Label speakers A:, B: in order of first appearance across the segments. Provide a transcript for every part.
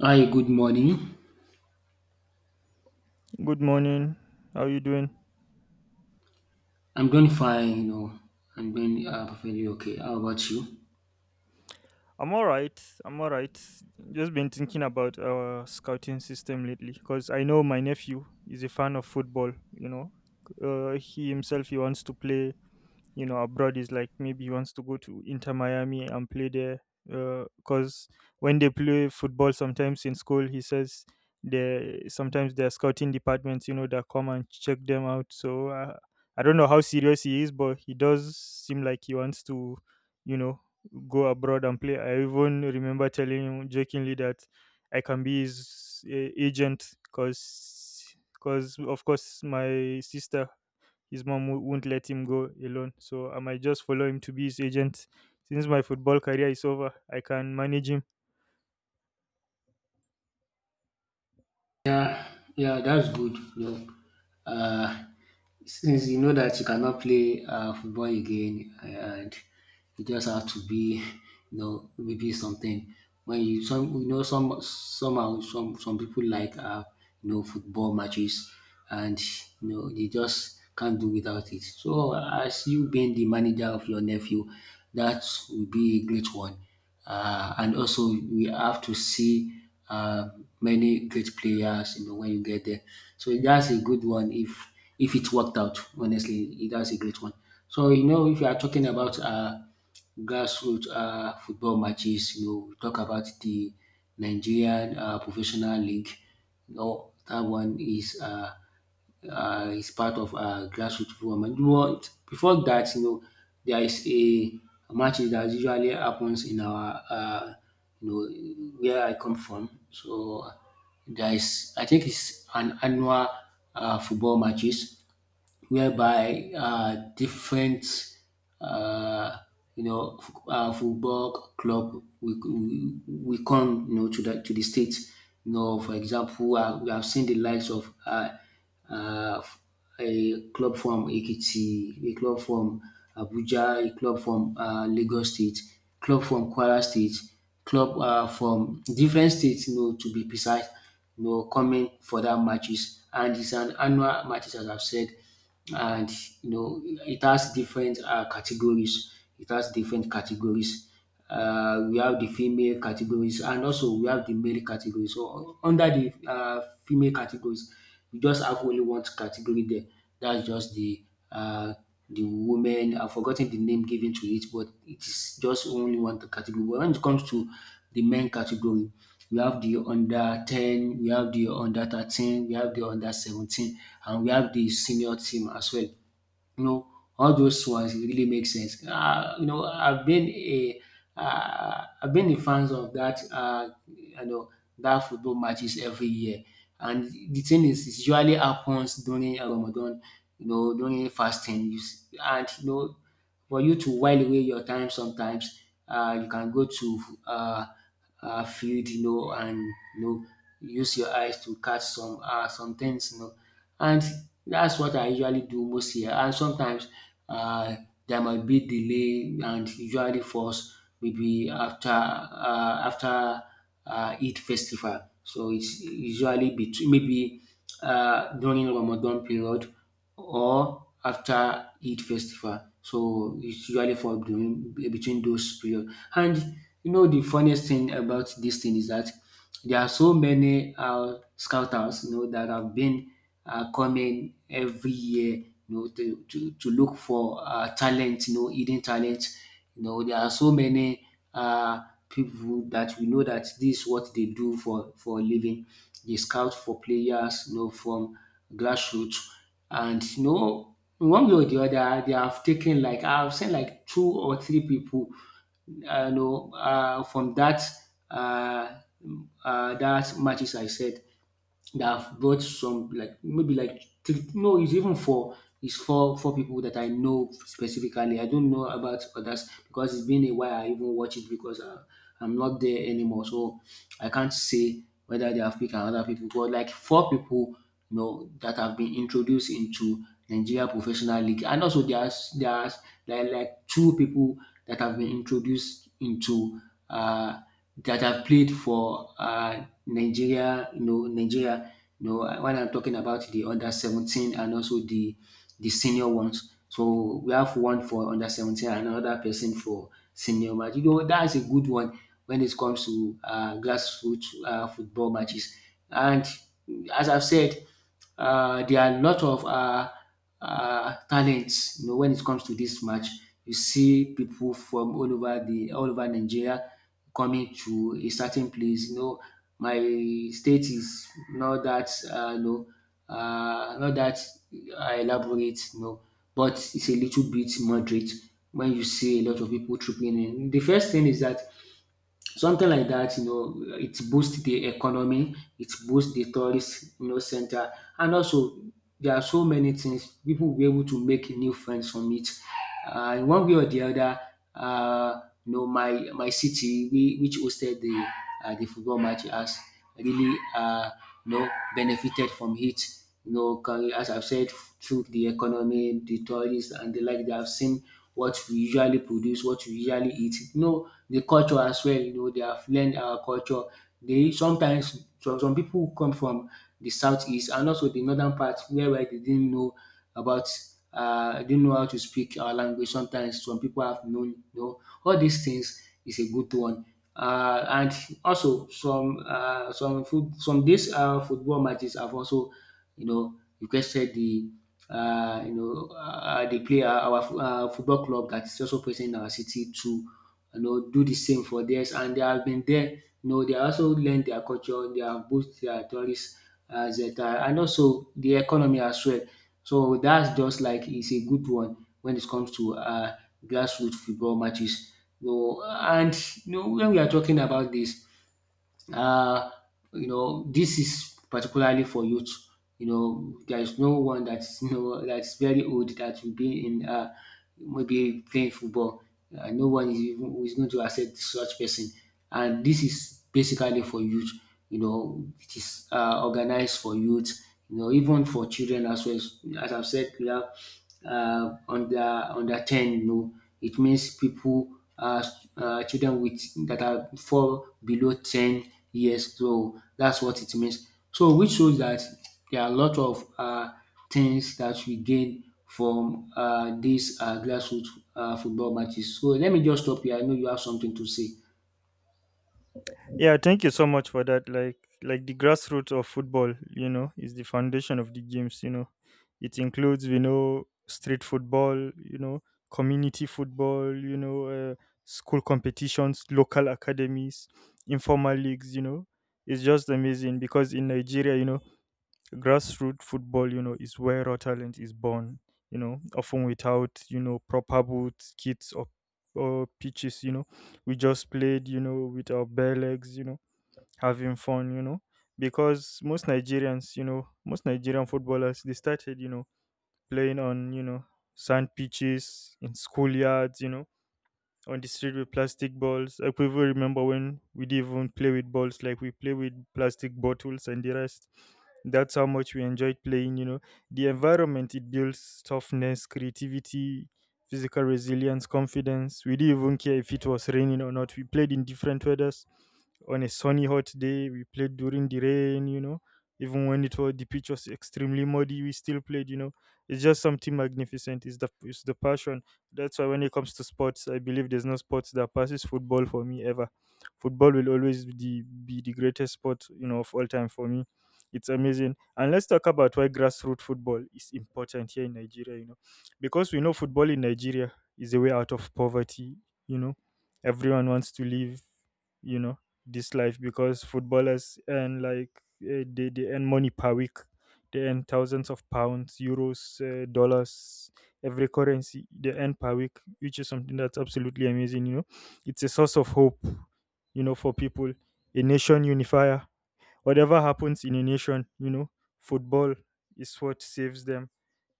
A: Hi, good morning.
B: Good morning. How are you doing?
A: I'm doing fine, you know. I'm doing perfectly okay. How about you?
B: I'm all right. I'm all right. Just been thinking about our scouting system lately because I know my nephew is a fan of football. He himself he wants to play abroad. Is like maybe he wants to go to Inter Miami and play there because when they play football sometimes in school, he says they sometimes they're scouting departments, that come and check them out. So I don't know how serious he is, but he does seem like he wants to, you know go abroad and play. I even remember telling him jokingly that I can be his agent, because of course my sister, his mom, won't let him go alone. So I might just follow him to be his agent. Since my football career is over, I can manage him.
A: Yeah, yeah, that's good. Uh, since you know that you cannot play football again, and you just have to be, you know, maybe something. When you some people like football matches, and you know, they just can't do without it. So as you being the manager of your nephew, that will be a great one. And also we have to see uh, many great players, you know, when you get there. So that's a good one if it worked out. Honestly, that's a great one. So you know, if you are talking about grassroots football matches, you know, we talk about the Nigerian Professional League. You know, that one is. Is part of grassroot movement. But before that, you know, there is a matches that usually happens in our, you know, where I come from. So there is, I think it's an annual football matches whereby different uh, football club we will come you know to the state. You know, for example, we have seen the likes of uh, a club from Ekiti, a club from Abuja, a club from Lagos State, club from Kwara State, club from different states, you know, to be precise, you know, coming for that matches. And it's an annual matches, as I've said, and you know it has different categories. It has different categories. We have the female categories and also we have the male categories. So under the female categories, we just have only one category there. That's just uh, the women. I've forgotten the name given to it, but it is just only one category. But when it comes to the men category, we have the under 10, we have the under 13, we have the under 17, and we have the senior team as well. You know, all those ones it really makes sense. You know, I've been a fan of that, that football matches every year, and the thing is, it usually happens during Ramadan. You know, during fasting, and you know for you to while away your time sometimes, you can go to field, you know, and you know, use your eyes to catch some things, you know. And that's what I usually do most here. And sometimes uh, there might be delay, and usually falls maybe after Eid festival. So it's usually between maybe during Ramadan period or after Eid festival. So it's usually for during between those period. And you know the funniest thing about this thing is that there are so many scouters you know that have been coming every year you know to look for talent, you know, hidden talent. You know, there are so many uh, people that we know that this is what they do for a living. They scout for players, you know, from grassroots. And you know, in one way or the other, they have taken, like I've seen like two or three people, from that uh, that matches I said that have brought some like maybe like three, no, it's even four. It's four people that I know specifically. I don't know about others because it's been a while. I even watch it because I, I'm not there anymore, so I can't say whether they have picked another people. But like four people, you know, that have been introduced into Nigeria professional league. And also there's like two people that have been introduced into uh, that have played for Nigeria. You know, when I'm talking about the under 17 and also the senior ones. So we have one for under 17 and another person for senior match. You know, that's a good one when it comes to grassroots football matches. And as I've said, there are a lot of talents. You know, when it comes to this match, you see people from all over Nigeria coming to a certain place. You know, my state is not that not that elaborate. You know, but it's a little bit moderate when you see a lot of people tripping in. The first thing is that something like that, you know, it boosts the economy, it boosts the tourist, you know, center, and also there are so many things people will be able to make new friends from it. In one way or the other, uh, you know, my city, we, which hosted the football match, has really you know benefited from it. You know, 'cause as I've said, through the economy, the tourists, and the like, they have seen what we usually produce, what we usually eat. You know the culture as well, you know, they have learned our culture. They sometimes some people who come from the southeast and also the northern part where they didn't know about didn't know how to speak our language, sometimes some people have known, you know, all these things is a good one. And also some food some dis football matches have also you know, requested the you know the player our fo- football club that is also present in our city to you know do the same for theirs, and they have been there. You know, they also learned their culture, they have both their tourists as that, and also the economy as well. So that's just like it's a good one when it comes to grassroots football matches. And you know, when we are talking about this, uh, you know this is particularly for youth. You know, there is no one that's you know that's very old that will be in maybe playing football. No one is even who is going to accept such person, and this is basically for youth. You know, it is organized for youth, you know, even for children as well. As I've said, we have uh, under under ten, you know, it means people uh, children with that are fall below 10 years. So that's what it means. So which shows that there are a lot of things that we gain from these grassroots football matches. So let me just stop here. I know you have something to say.
B: Yeah, thank you so much for that. Like the grassroots of football, you know, is the foundation of the games, you know. It includes, you know, street football, you know, community football, you know, uh, school competitions, local academies, informal leagues, you know. It's just amazing because in Nigeria, you know, grassroots football, you know, is where raw talent is born, you know, often without, you know, proper boots, kits, or pitches, you know. We just played, you know, with our bare legs, you know, having fun, you know, because most Nigerians, you know, most Nigerian footballers, they started, you know, playing on, you know, sand pitches, in schoolyards, you know, on the street with plastic balls. I could even remember when we didn't even play with balls, like we play with plastic bottles and the rest. That's how much we enjoyed playing, you know. The environment, it builds toughness, creativity, physical resilience, confidence. We didn't even care if it was raining or not. We played in different weathers. On a sunny hot day, we played during the rain, you know. Even when it was the pitch was extremely muddy, we still played, you know. It's just something magnificent. It's the passion. That's why when it comes to sports, I believe there's no sports that passes football for me ever. Football will always be the greatest sport, you know, of all time for me. It's amazing. And let's talk about why grassroots football is important here in Nigeria, you know. Because we know football in Nigeria is a way out of poverty, you know. Everyone wants to live, you know, this life because footballers earn like, they earn money per week. They earn thousands of pounds, euros, dollars, every currency they earn per week, which is something that's absolutely amazing. You know, it's a source of hope, you know, for people, a nation unifier. Whatever happens in a nation, you know, football is what saves them.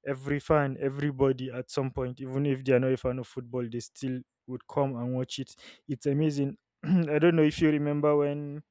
B: Every fan, everybody at some point, even if they are not a fan of football, they still would come and watch it. It's amazing. I don't know if you remember when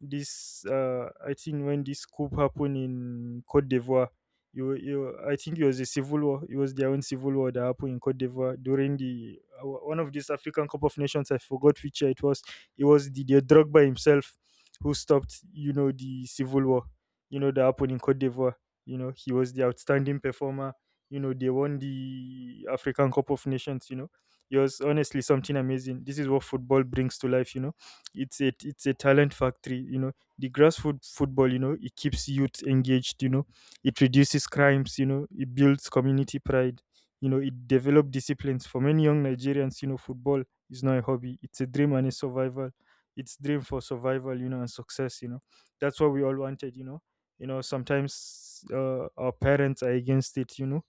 B: this I think when this coup happened in Cote d'Ivoire, you, I think it was a civil war. It was their own civil war that happened in Cote d'Ivoire during the one of these African Cup of Nations. I forgot which year it was. It was the Drogba himself who stopped, you know, the civil war. You know, that happened in Cote d'Ivoire. You know, he was the outstanding performer. You know, they won the African Cup of Nations. You know, it was honestly something amazing. This is what football brings to life. You know, it's a talent factory, you know. The grass football, you know, it keeps youth engaged, you know. It reduces crimes, you know. It builds community pride, you know. It develops disciplines. For many young nigerians, you know, football is not a hobby. It's a dream and a survival. It's dream for survival, you know, and success, you know. That's what we all wanted, you know. Sometimes our parents are against it, you know.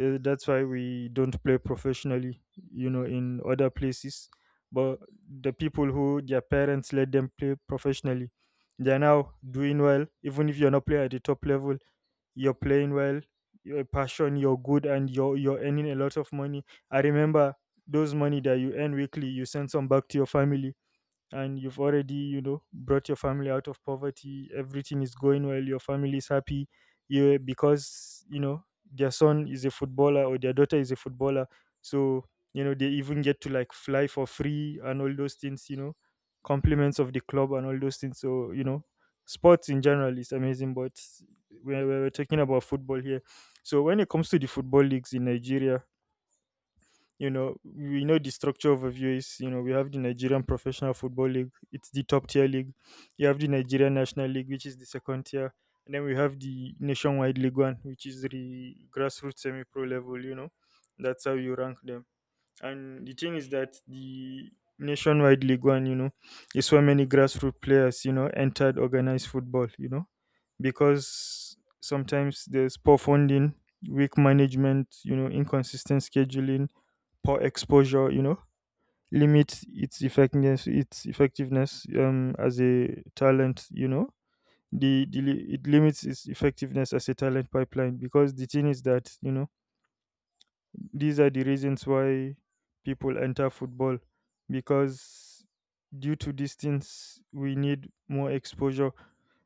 B: That's why we don't play professionally, you know, in other places. But the people who, their parents let them play professionally, they are now doing well. Even if you're not playing at the top level, you're playing well. Your passion, you're good, and you're earning a lot of money. I remember those money that you earn weekly, you send some back to your family, and you've already, you know, brought your family out of poverty. Everything is going well, your family is happy, you, because, you know, their son is a footballer or their daughter is a footballer. So, you know, they even get to like fly for free and all those things, you know, compliments of the club and all those things. So, you know, sports in general is amazing, but we're talking about football here. So when it comes to the football leagues in nigeria, you know, we know the structure overview is, you know, we have the nigerian professional football league. It's the top tier league. You have the nigerian national league, which is the second tier, and then we have the nationwide league one, which is the grassroots semi pro level, you know. That's how you rank them. And the thing is that the nationwide league one, you know, is where many grassroots players, you know, entered organized football, you know, because sometimes there's poor funding, weak management, you know, inconsistent scheduling, poor exposure, you know, limits its effectiveness as a talent, you know. It limits its effectiveness as a talent pipeline because the thing is that, you know, these are the reasons why people enter football, because due to distance, we need more exposure.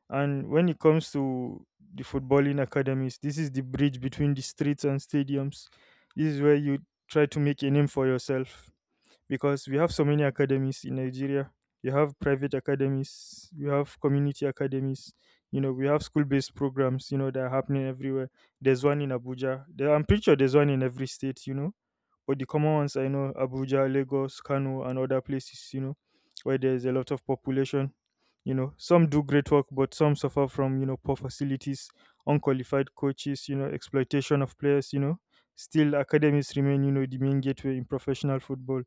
B: And when it comes to the footballing academies, this is the bridge between the streets and stadiums. This is where you try to make a name for yourself because we have so many academies in Nigeria. You have private academies, we have community academies, you know, we have school based programs, you know, that are happening everywhere. There's one in Abuja. There, I'm pretty sure there's one in every state, you know, but the common ones I know, Abuja, Lagos, Kano, and other places, you know, where there's a lot of population. You know, some do great work, but some suffer from, you know, poor facilities, unqualified coaches, you know, exploitation of players, you know. Still, academies remain, you know, the main gateway in professional football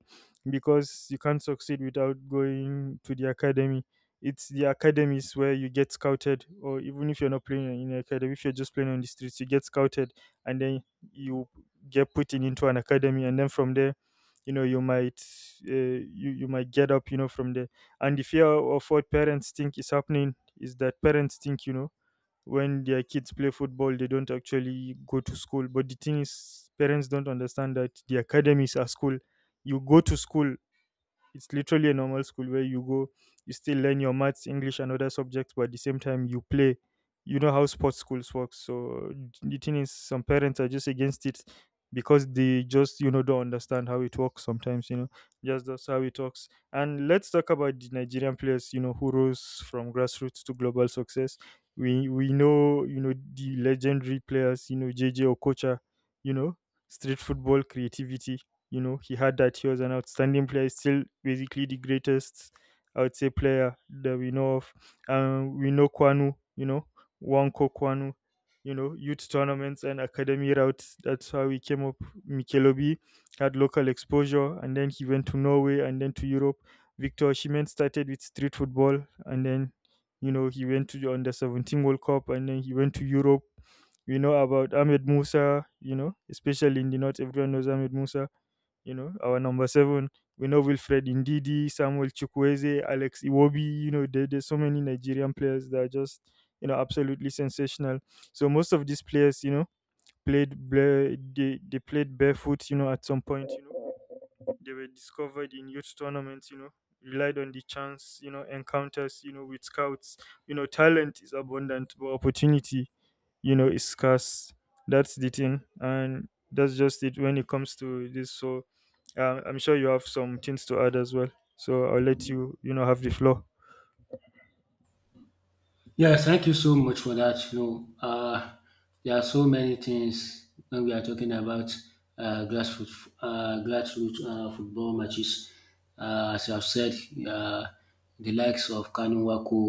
B: because you can't succeed without going to the academy. It's the academies where you get scouted, or even if you're not playing in an academy, if you're just playing on the streets, you get scouted and then you get put in into an academy, and then from there, you know, you might, uh, you might get up, you know, from there. And the fear of what parents think is happening is that parents think, you know, when their kids play football, they don't actually go to school. But the thing is, parents don't understand that the academies are school. You go to school. It's literally a normal school where you go, you still learn your maths, English, and other subjects, but at the same time, you play. You know how sports schools work. So the thing is, some parents are just against it because they just, you know, don't understand how it works sometimes, you know, just that's how it works. And let's talk about the Nigerian players, you know, who rose from grassroots to global success. We know, you know, the legendary players, you know, J J Okocha, you know, street football creativity. You know, he had that. He was an outstanding player, still basically the greatest, I would say, player that we know of. We know Kwanu, you know, Wanko Kwanu, you know, youth tournaments and academy routes. That's how he came up. Mikel Obi had local exposure, and then he went to Norway and then to Europe. Victor Osimhen started with street football, and then, you know, he went to the under 17 World Cup, and then he went to Europe. We know about Ahmed Musa, you know, especially in the north, everyone knows Ahmed Musa, you know, our number 7. We know Wilfred Ndidi, Samuel Chukwueze, Alex Iwobi. There's so many Nigerian players that are just, you know, absolutely sensational. So most of these players, you know, they played barefoot, you know, at some point. You know, they were discovered in youth tournaments, you know, relied on the chance, you know, encounters, you know, with scouts. You know, talent is abundant, but opportunity, you know, is scarce. That's the thing. And that's just it when it comes to this. So I'm sure you have some things to add as well. So I'll let you have the floor.
A: Yes, thank you so much for that. There are so many things when we are talking about grassroots football matches. As I've said, uh, the likes of Kanu Wako,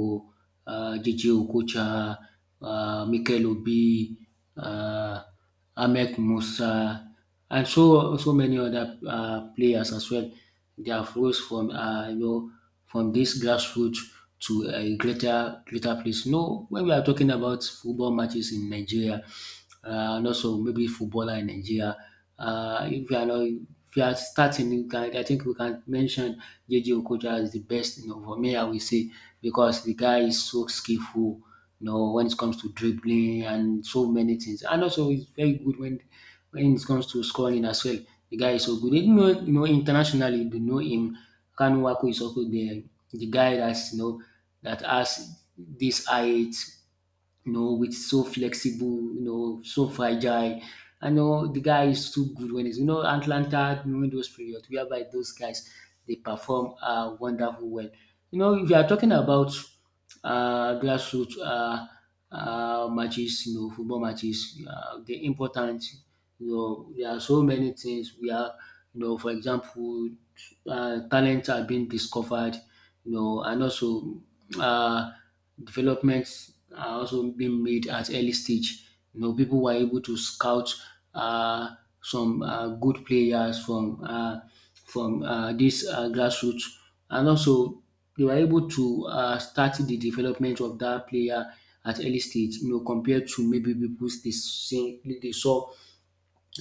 A: JJ Okocha, Mikel Obi, uh, Ahmed Musa, and so many other players as well. They have rose from from this grassroots to a greater place. No, when we are talking about football matches in Nigeria, and also maybe footballer in Nigeria, if we are not if we are starting, you can, I think we can mention JJ Okocha as the best. You know, for me, I will say because the guy is so skillful, you know, when it comes to dribbling and so many things. And also, he's very good when it comes to scoring as well. The guy is so good. Even though, you know, internationally, they know him. Kanu Wako is also the guy that has this height, you know, with so flexible, you know, so fragile. I know the guy is too good when he's, you know, Atlanta during those periods whereby those guys they perform wonderful well. You know, if you are talking about grassroots matches, you know, football matches, the important, you know, there are so many things we are, you know, for example, talents are being discovered, you know, and also uh, developments are also being made at early stage. You know, people were able to scout uh, some good players from this grassroots, and also they were able to start the development of that player at early stage, you know, compared to maybe people they saw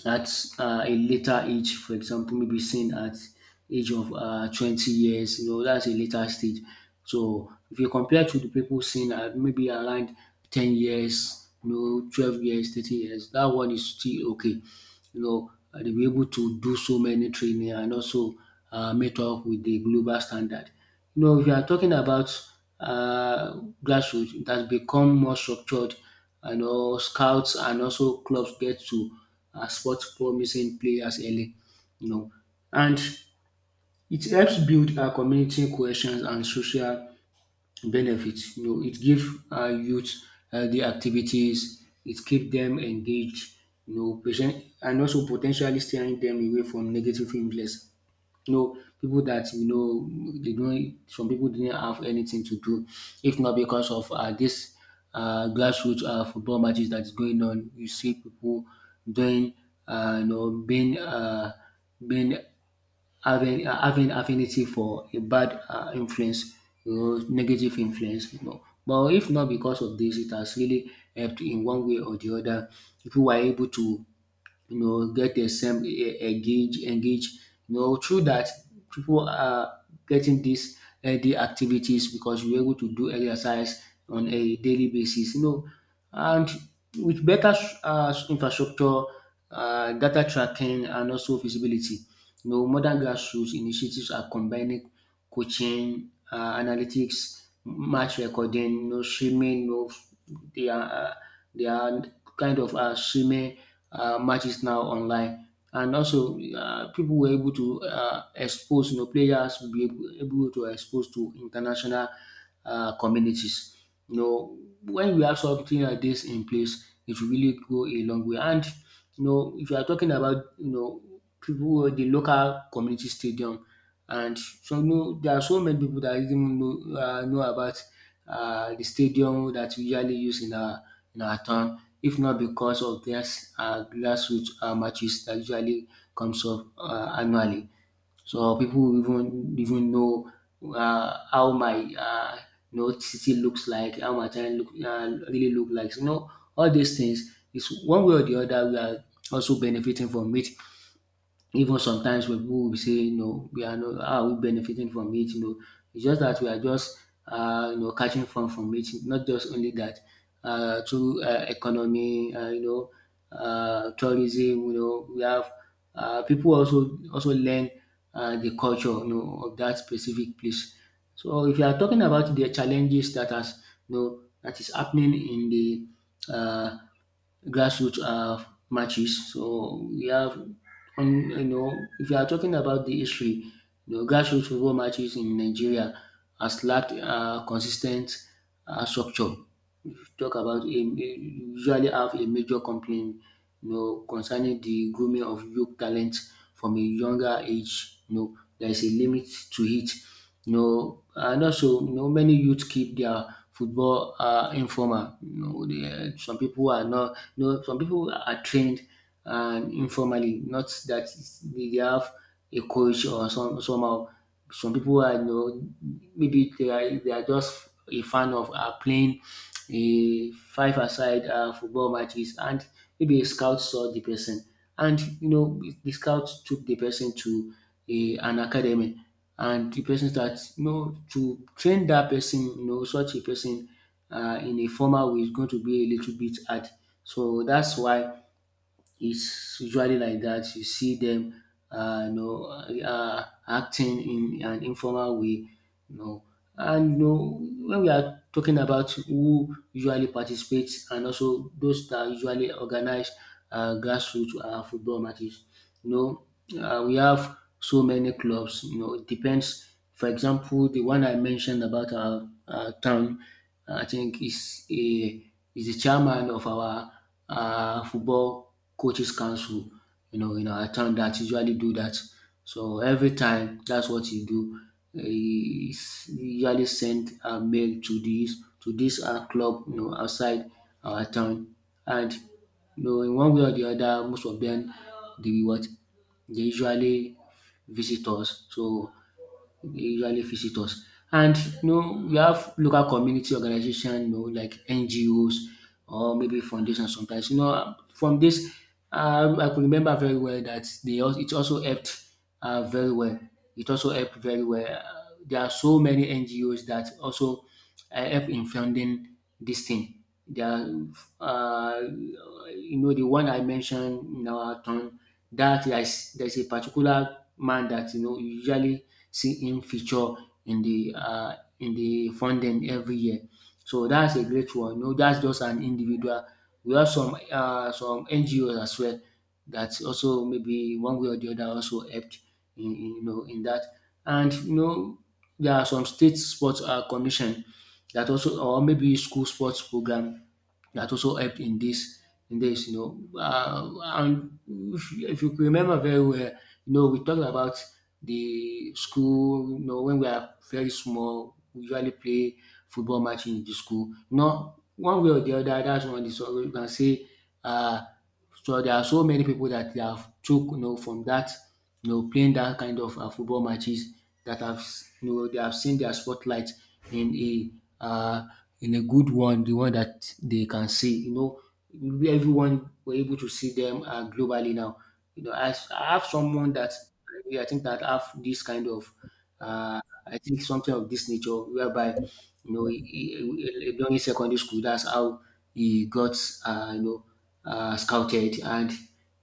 A: at a later age, for example, maybe seen at age of 20 years, you know, that's a later stage. So if you compare to the people seen at maybe around 10 years, you know, 12 years, 13 years, that one is still okay, you know, they be able to do so many training and also meet up with the global standard. You know, if you are talking about grassroots, it has become more structured. You know, scouts and also clubs get to spot promising players early. You know, and it helps build our community cohesion and social benefits. You know, it gives youth the activities, it keep them engaged, you know, patient and also potentially steering them away from negative influence. You know, people that you know they don't some people didn't have anything to do, if not because of this grassroots football matches that is going on. You see people doing you know being being having having affinity for a bad influence, you know, negative influence. You know. But if not because of this, it has really helped in one way or the other. People were able to, you know, get a sem- e- e, engage, engage. You know, through that, people are getting these healthy activities because you're able to do exercise on a daily basis. You know, and with better infrastructure, data tracking, and also visibility, you know, modern grassroots initiatives are combining coaching, analytics, match recording, no streaming, no they are uh, they are kind of streaming matches now online. And also, people were able to expose, you know, players will be able to expose to international communities. You know, when we have something like this in place, it will really go a long way. And you know, if you are talking about, you know, people who the local community stadium, and so no, there are so many people that even know about the stadium that we usually use in our, in our town, if not because of this grassroots matches that usually comes up annually. So people even know how my you know city looks like, how my town look really look like. So, you know, all these things is one way or the other we are also benefiting from it, even sometimes when people will say, you know, we are not, how are we benefiting from it? You know, it's just that we are just, you know, catching fun from it. Not just only that, through economy, you know, tourism. You know, we have people also learn the culture, you know, of that specific place. So if you are talking about the challenges that has, you know, that is happening in the uh, grassroots matches. So we have, you know, if you are talking about the history, you know, grassroots football matches in Nigeria has lacked consistent structure, talk about usually have a major complaint, you know, concerning the grooming of youth talent from a younger age. You know, there is a limit to it. You know, and also you know many youth keep their football informal. You know, they, some people are not. You know, some people are trained and informally. Not that they have a coach or some somehow. Some people are, you know, maybe they are just a fan of are playing a five aside football matches, and maybe a scout saw the person, and you know the scout took the person to a an academy, and the person starts, you know, to train that person. You know, such a person in a formal way is going to be a little bit hard, so that's why it's usually like that. You see them you know acting in an informal way, no. And no, when we are talking about who usually participates and also those that usually organize grassroots football matches, you know, we have so many clubs. You know, it depends. For example, the one I mentioned about our town, I think is the chairman of our football coaches council. You know, in our town that usually do that. So every time, that's what you do, he usually sent a mail to this club, you know, outside our town, and you know in one way or the other most of them, they will what they usually visit us, usually visit us. And you know we have local community organization, you know, like NGOs or maybe foundation sometimes. You know, from this, I could remember very well that they also it also helped very well. It also helped very well. There are so many NGOs that also help in funding this thing. There are, um you know, the one I mentioned in our town, that is there's a particular man that you know you usually see him feature in the funding every year. So that's a great one. You know, that's just an individual. We have some some NGO as well that also maybe one way or the other also helped in you know in that. And you know there are some state sports commission that also or maybe school sports program that also helped in this, you know. And if, if you remember very well, you know, we talked about the school, you know, when we are very small, we usually play football match in the school. You know, one way or the other, that's one of the story you can say. uh, so there are so many people that they have took, you know, from that, you know, playing that kind of football matches that have, you know, they have seen their spotlight in a uh, in a good one, the one that they can see, you know, everyone were able to see them globally now. You know, as I have someone that I think that have this kind of, uh, I think something of this nature, whereby you know during secondary school, that's how he got you know scouted, and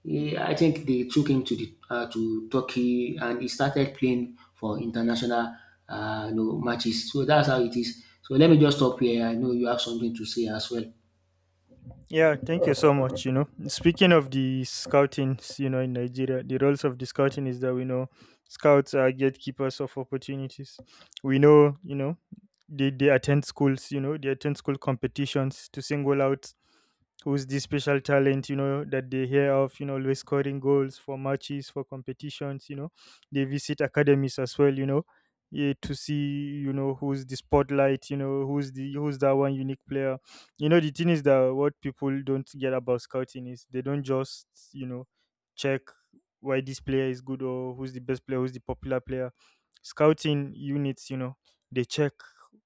A: he, I think they took him to the to Turkey, and he started playing for international you know matches. So that's how it is. So let me just stop here. I know you have something to say as well.
B: Yeah, thank you so much. You know, speaking of the scouting, you know, in Nigeria, the roles of the scouting is that we know scouts are gatekeepers of opportunities. We know, you know, they attend schools, you know, they attend school competitions to single out who's the special talent, you know, that they hear of, you know, always scoring goals for matches, for competitions, you know, they visit academies as well, you know, yeah, to see, you know, who's the spotlight, you know, who's that one unique player. You know, the thing is that what people don't get about scouting is they don't just, you know, check why this player is good, or who's the best player, who's the popular player. Scouting units, you know, they check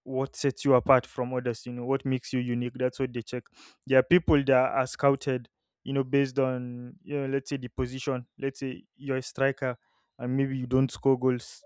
B: what sets you apart from others, you know, what makes you unique. That's what they check. There are people that are scouted, you know, based on, you know, let's say the position. Let's say you're a striker, and maybe you don't score goals,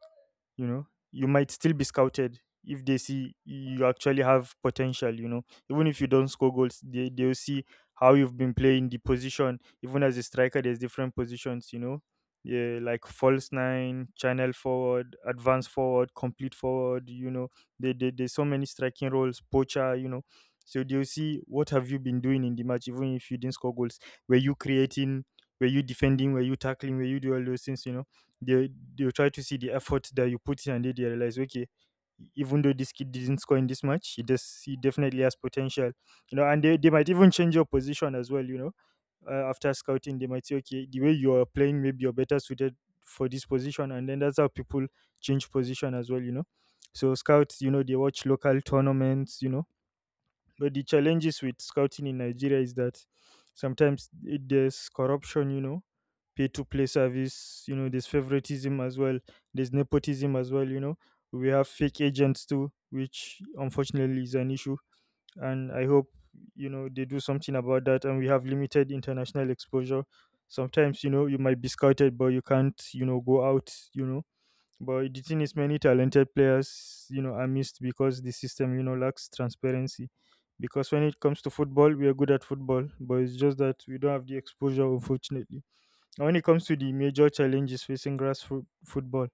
B: you know, you might still be scouted if they see you actually have potential, you know, even if you don't score goals, they'll see how you've been playing the position. Even as a striker, there's different positions, you know, yeah, like false nine, channel forward, advanced forward, complete forward, you know, there's so many striking roles, poacher, you know. So they'll see what have you been doing in the match, even if you didn't score goals. Were you creating, were you defending, were you tackling, were you do all those things, you know. they they try to see the effort that you put in, and then they realize, okay, even though this kid didn't score in this match, he does he definitely has potential, you know, and they might even change your position as well, you know. After scouting they might say, okay, the way you're playing, maybe you're better suited for this position, and then that's how people change position as well, you know. So scouts, you know, they watch local tournaments, you know, but the challenges with scouting in Nigeria is that sometimes there's corruption, you know, pay to play service, you know, there's favoritism as well, there's nepotism as well, you know. We have fake agents too, which unfortunately is an issue. And I hope, you know, they do something about that. And we have limited international exposure. Sometimes, you know, you might be scouted, but you can't, you know, go out, you know, but the thing is, many talented players, you know, are missed because the system, you know, lacks transparency. Because when it comes to football, we are good at football, but it's just that we don't have the exposure, unfortunately. And when it comes to the major challenges facing grassroots football,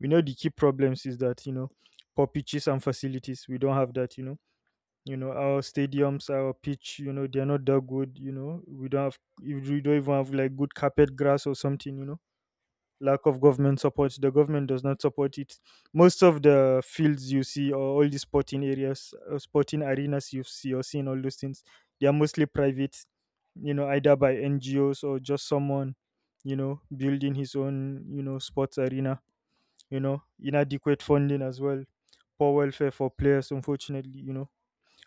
B: we know the key problems is that, you know, poor pitches and facilities, we don't have that. You know, our stadiums, our pitch, you know, they are not that good. You know, we don't have, we don't even have like good carpet grass or something. You know, lack of government support. The government does not support it. Most of the fields you see, or all the sporting areas, sporting arenas you see, or seeing all those things, they are mostly private, you know, either by NGOs or just someone, you know, building his own, you know, sports arena, you know, inadequate funding as well, poor welfare for players, unfortunately, you know,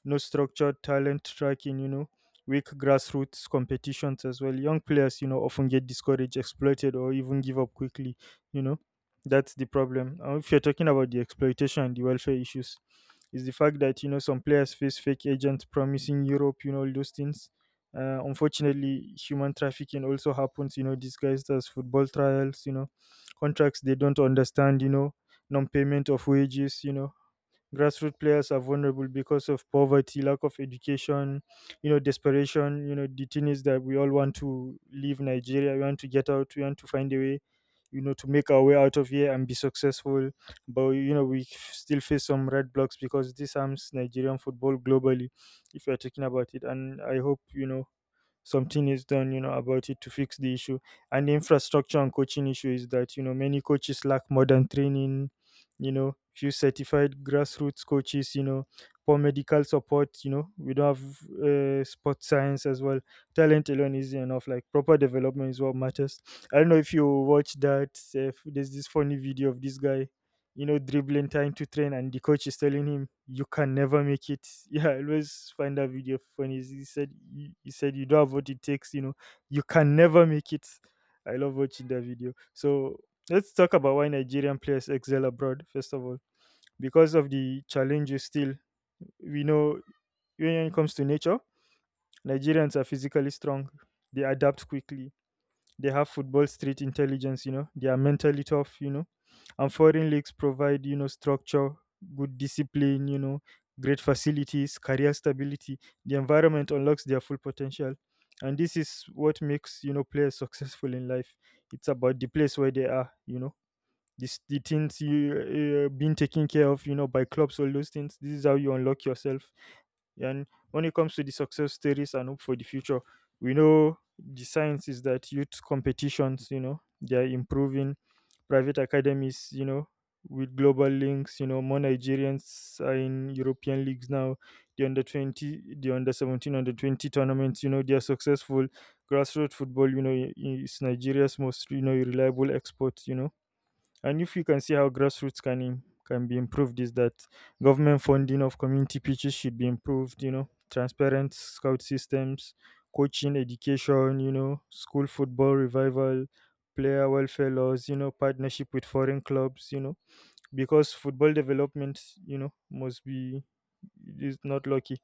B: no structured talent tracking, you know, weak grassroots competitions as well. Young players, you know, often get discouraged, exploited, or even give up quickly, you know. That's the problem. And if you're talking about the exploitation and the welfare issues, is the fact that, you know, some players face fake agents promising Europe, you know, all those things. Unfortunately, human trafficking also happens, you know, disguised as football trials, you know, contracts they don't understand, you know, non payment of wages, you know, grassroots players are vulnerable because of poverty, lack of education, you know, desperation, you know, the thing is that we all want to leave Nigeria, we want to get out, we want to find a way, you know, to make our way out of here and be successful. But you know, still face some red blocks because this harms Nigerian football globally, if we are talking about it. And I hope, you know, something is done, you know, about it to fix the issue. And the infrastructure and coaching issue is that, you know, many coaches lack modern training, you know, few certified grassroots coaches, you know, poor medical support, you know, we don't have sports science as well. Talent alone is enough, like proper development is what matters. I don't know if you watch that, there's this funny video of this guy, you know, dribbling, trying to train, and the coach is telling him, "You can never make it." Yeah, I always find that video funny. He said, "He said you don't have what it takes." You know, you can never make it. I love watching that video. So let's talk about why Nigerian players excel abroad. First of all, because of the challenges. Still, we know, when it comes to nature, Nigerians are physically strong. They adapt quickly, they have football street intelligence, you know. They are mentally tough, you know. And foreign leagues provide, you know, structure, good discipline, you know, great facilities, career stability. The environment unlocks their full potential. And this is what makes, you know, players successful in life. It's about the place where they are, you know. This, the things you being taken care of, you know, by clubs, all those things. This is how you unlock yourself. And when it comes to the success stories and hope for the future, we know the science is that youth competitions, you know, they are improving. Private academies, you know, with global links, you know, more Nigerians are in European leagues now. The under 20, the under 17, under 20 tournaments, you know, they are successful. Grassroots football, you know, is Nigeria's most, you know, reliable export, you know, and if you can see how grassroots can be improved, is that government funding of community pitches should be improved. You know, transparent scout systems, coaching education. You know, school football revival, player welfare laws. You know, partnership with foreign clubs. You know, because football development, you know, must be, it is not lucky.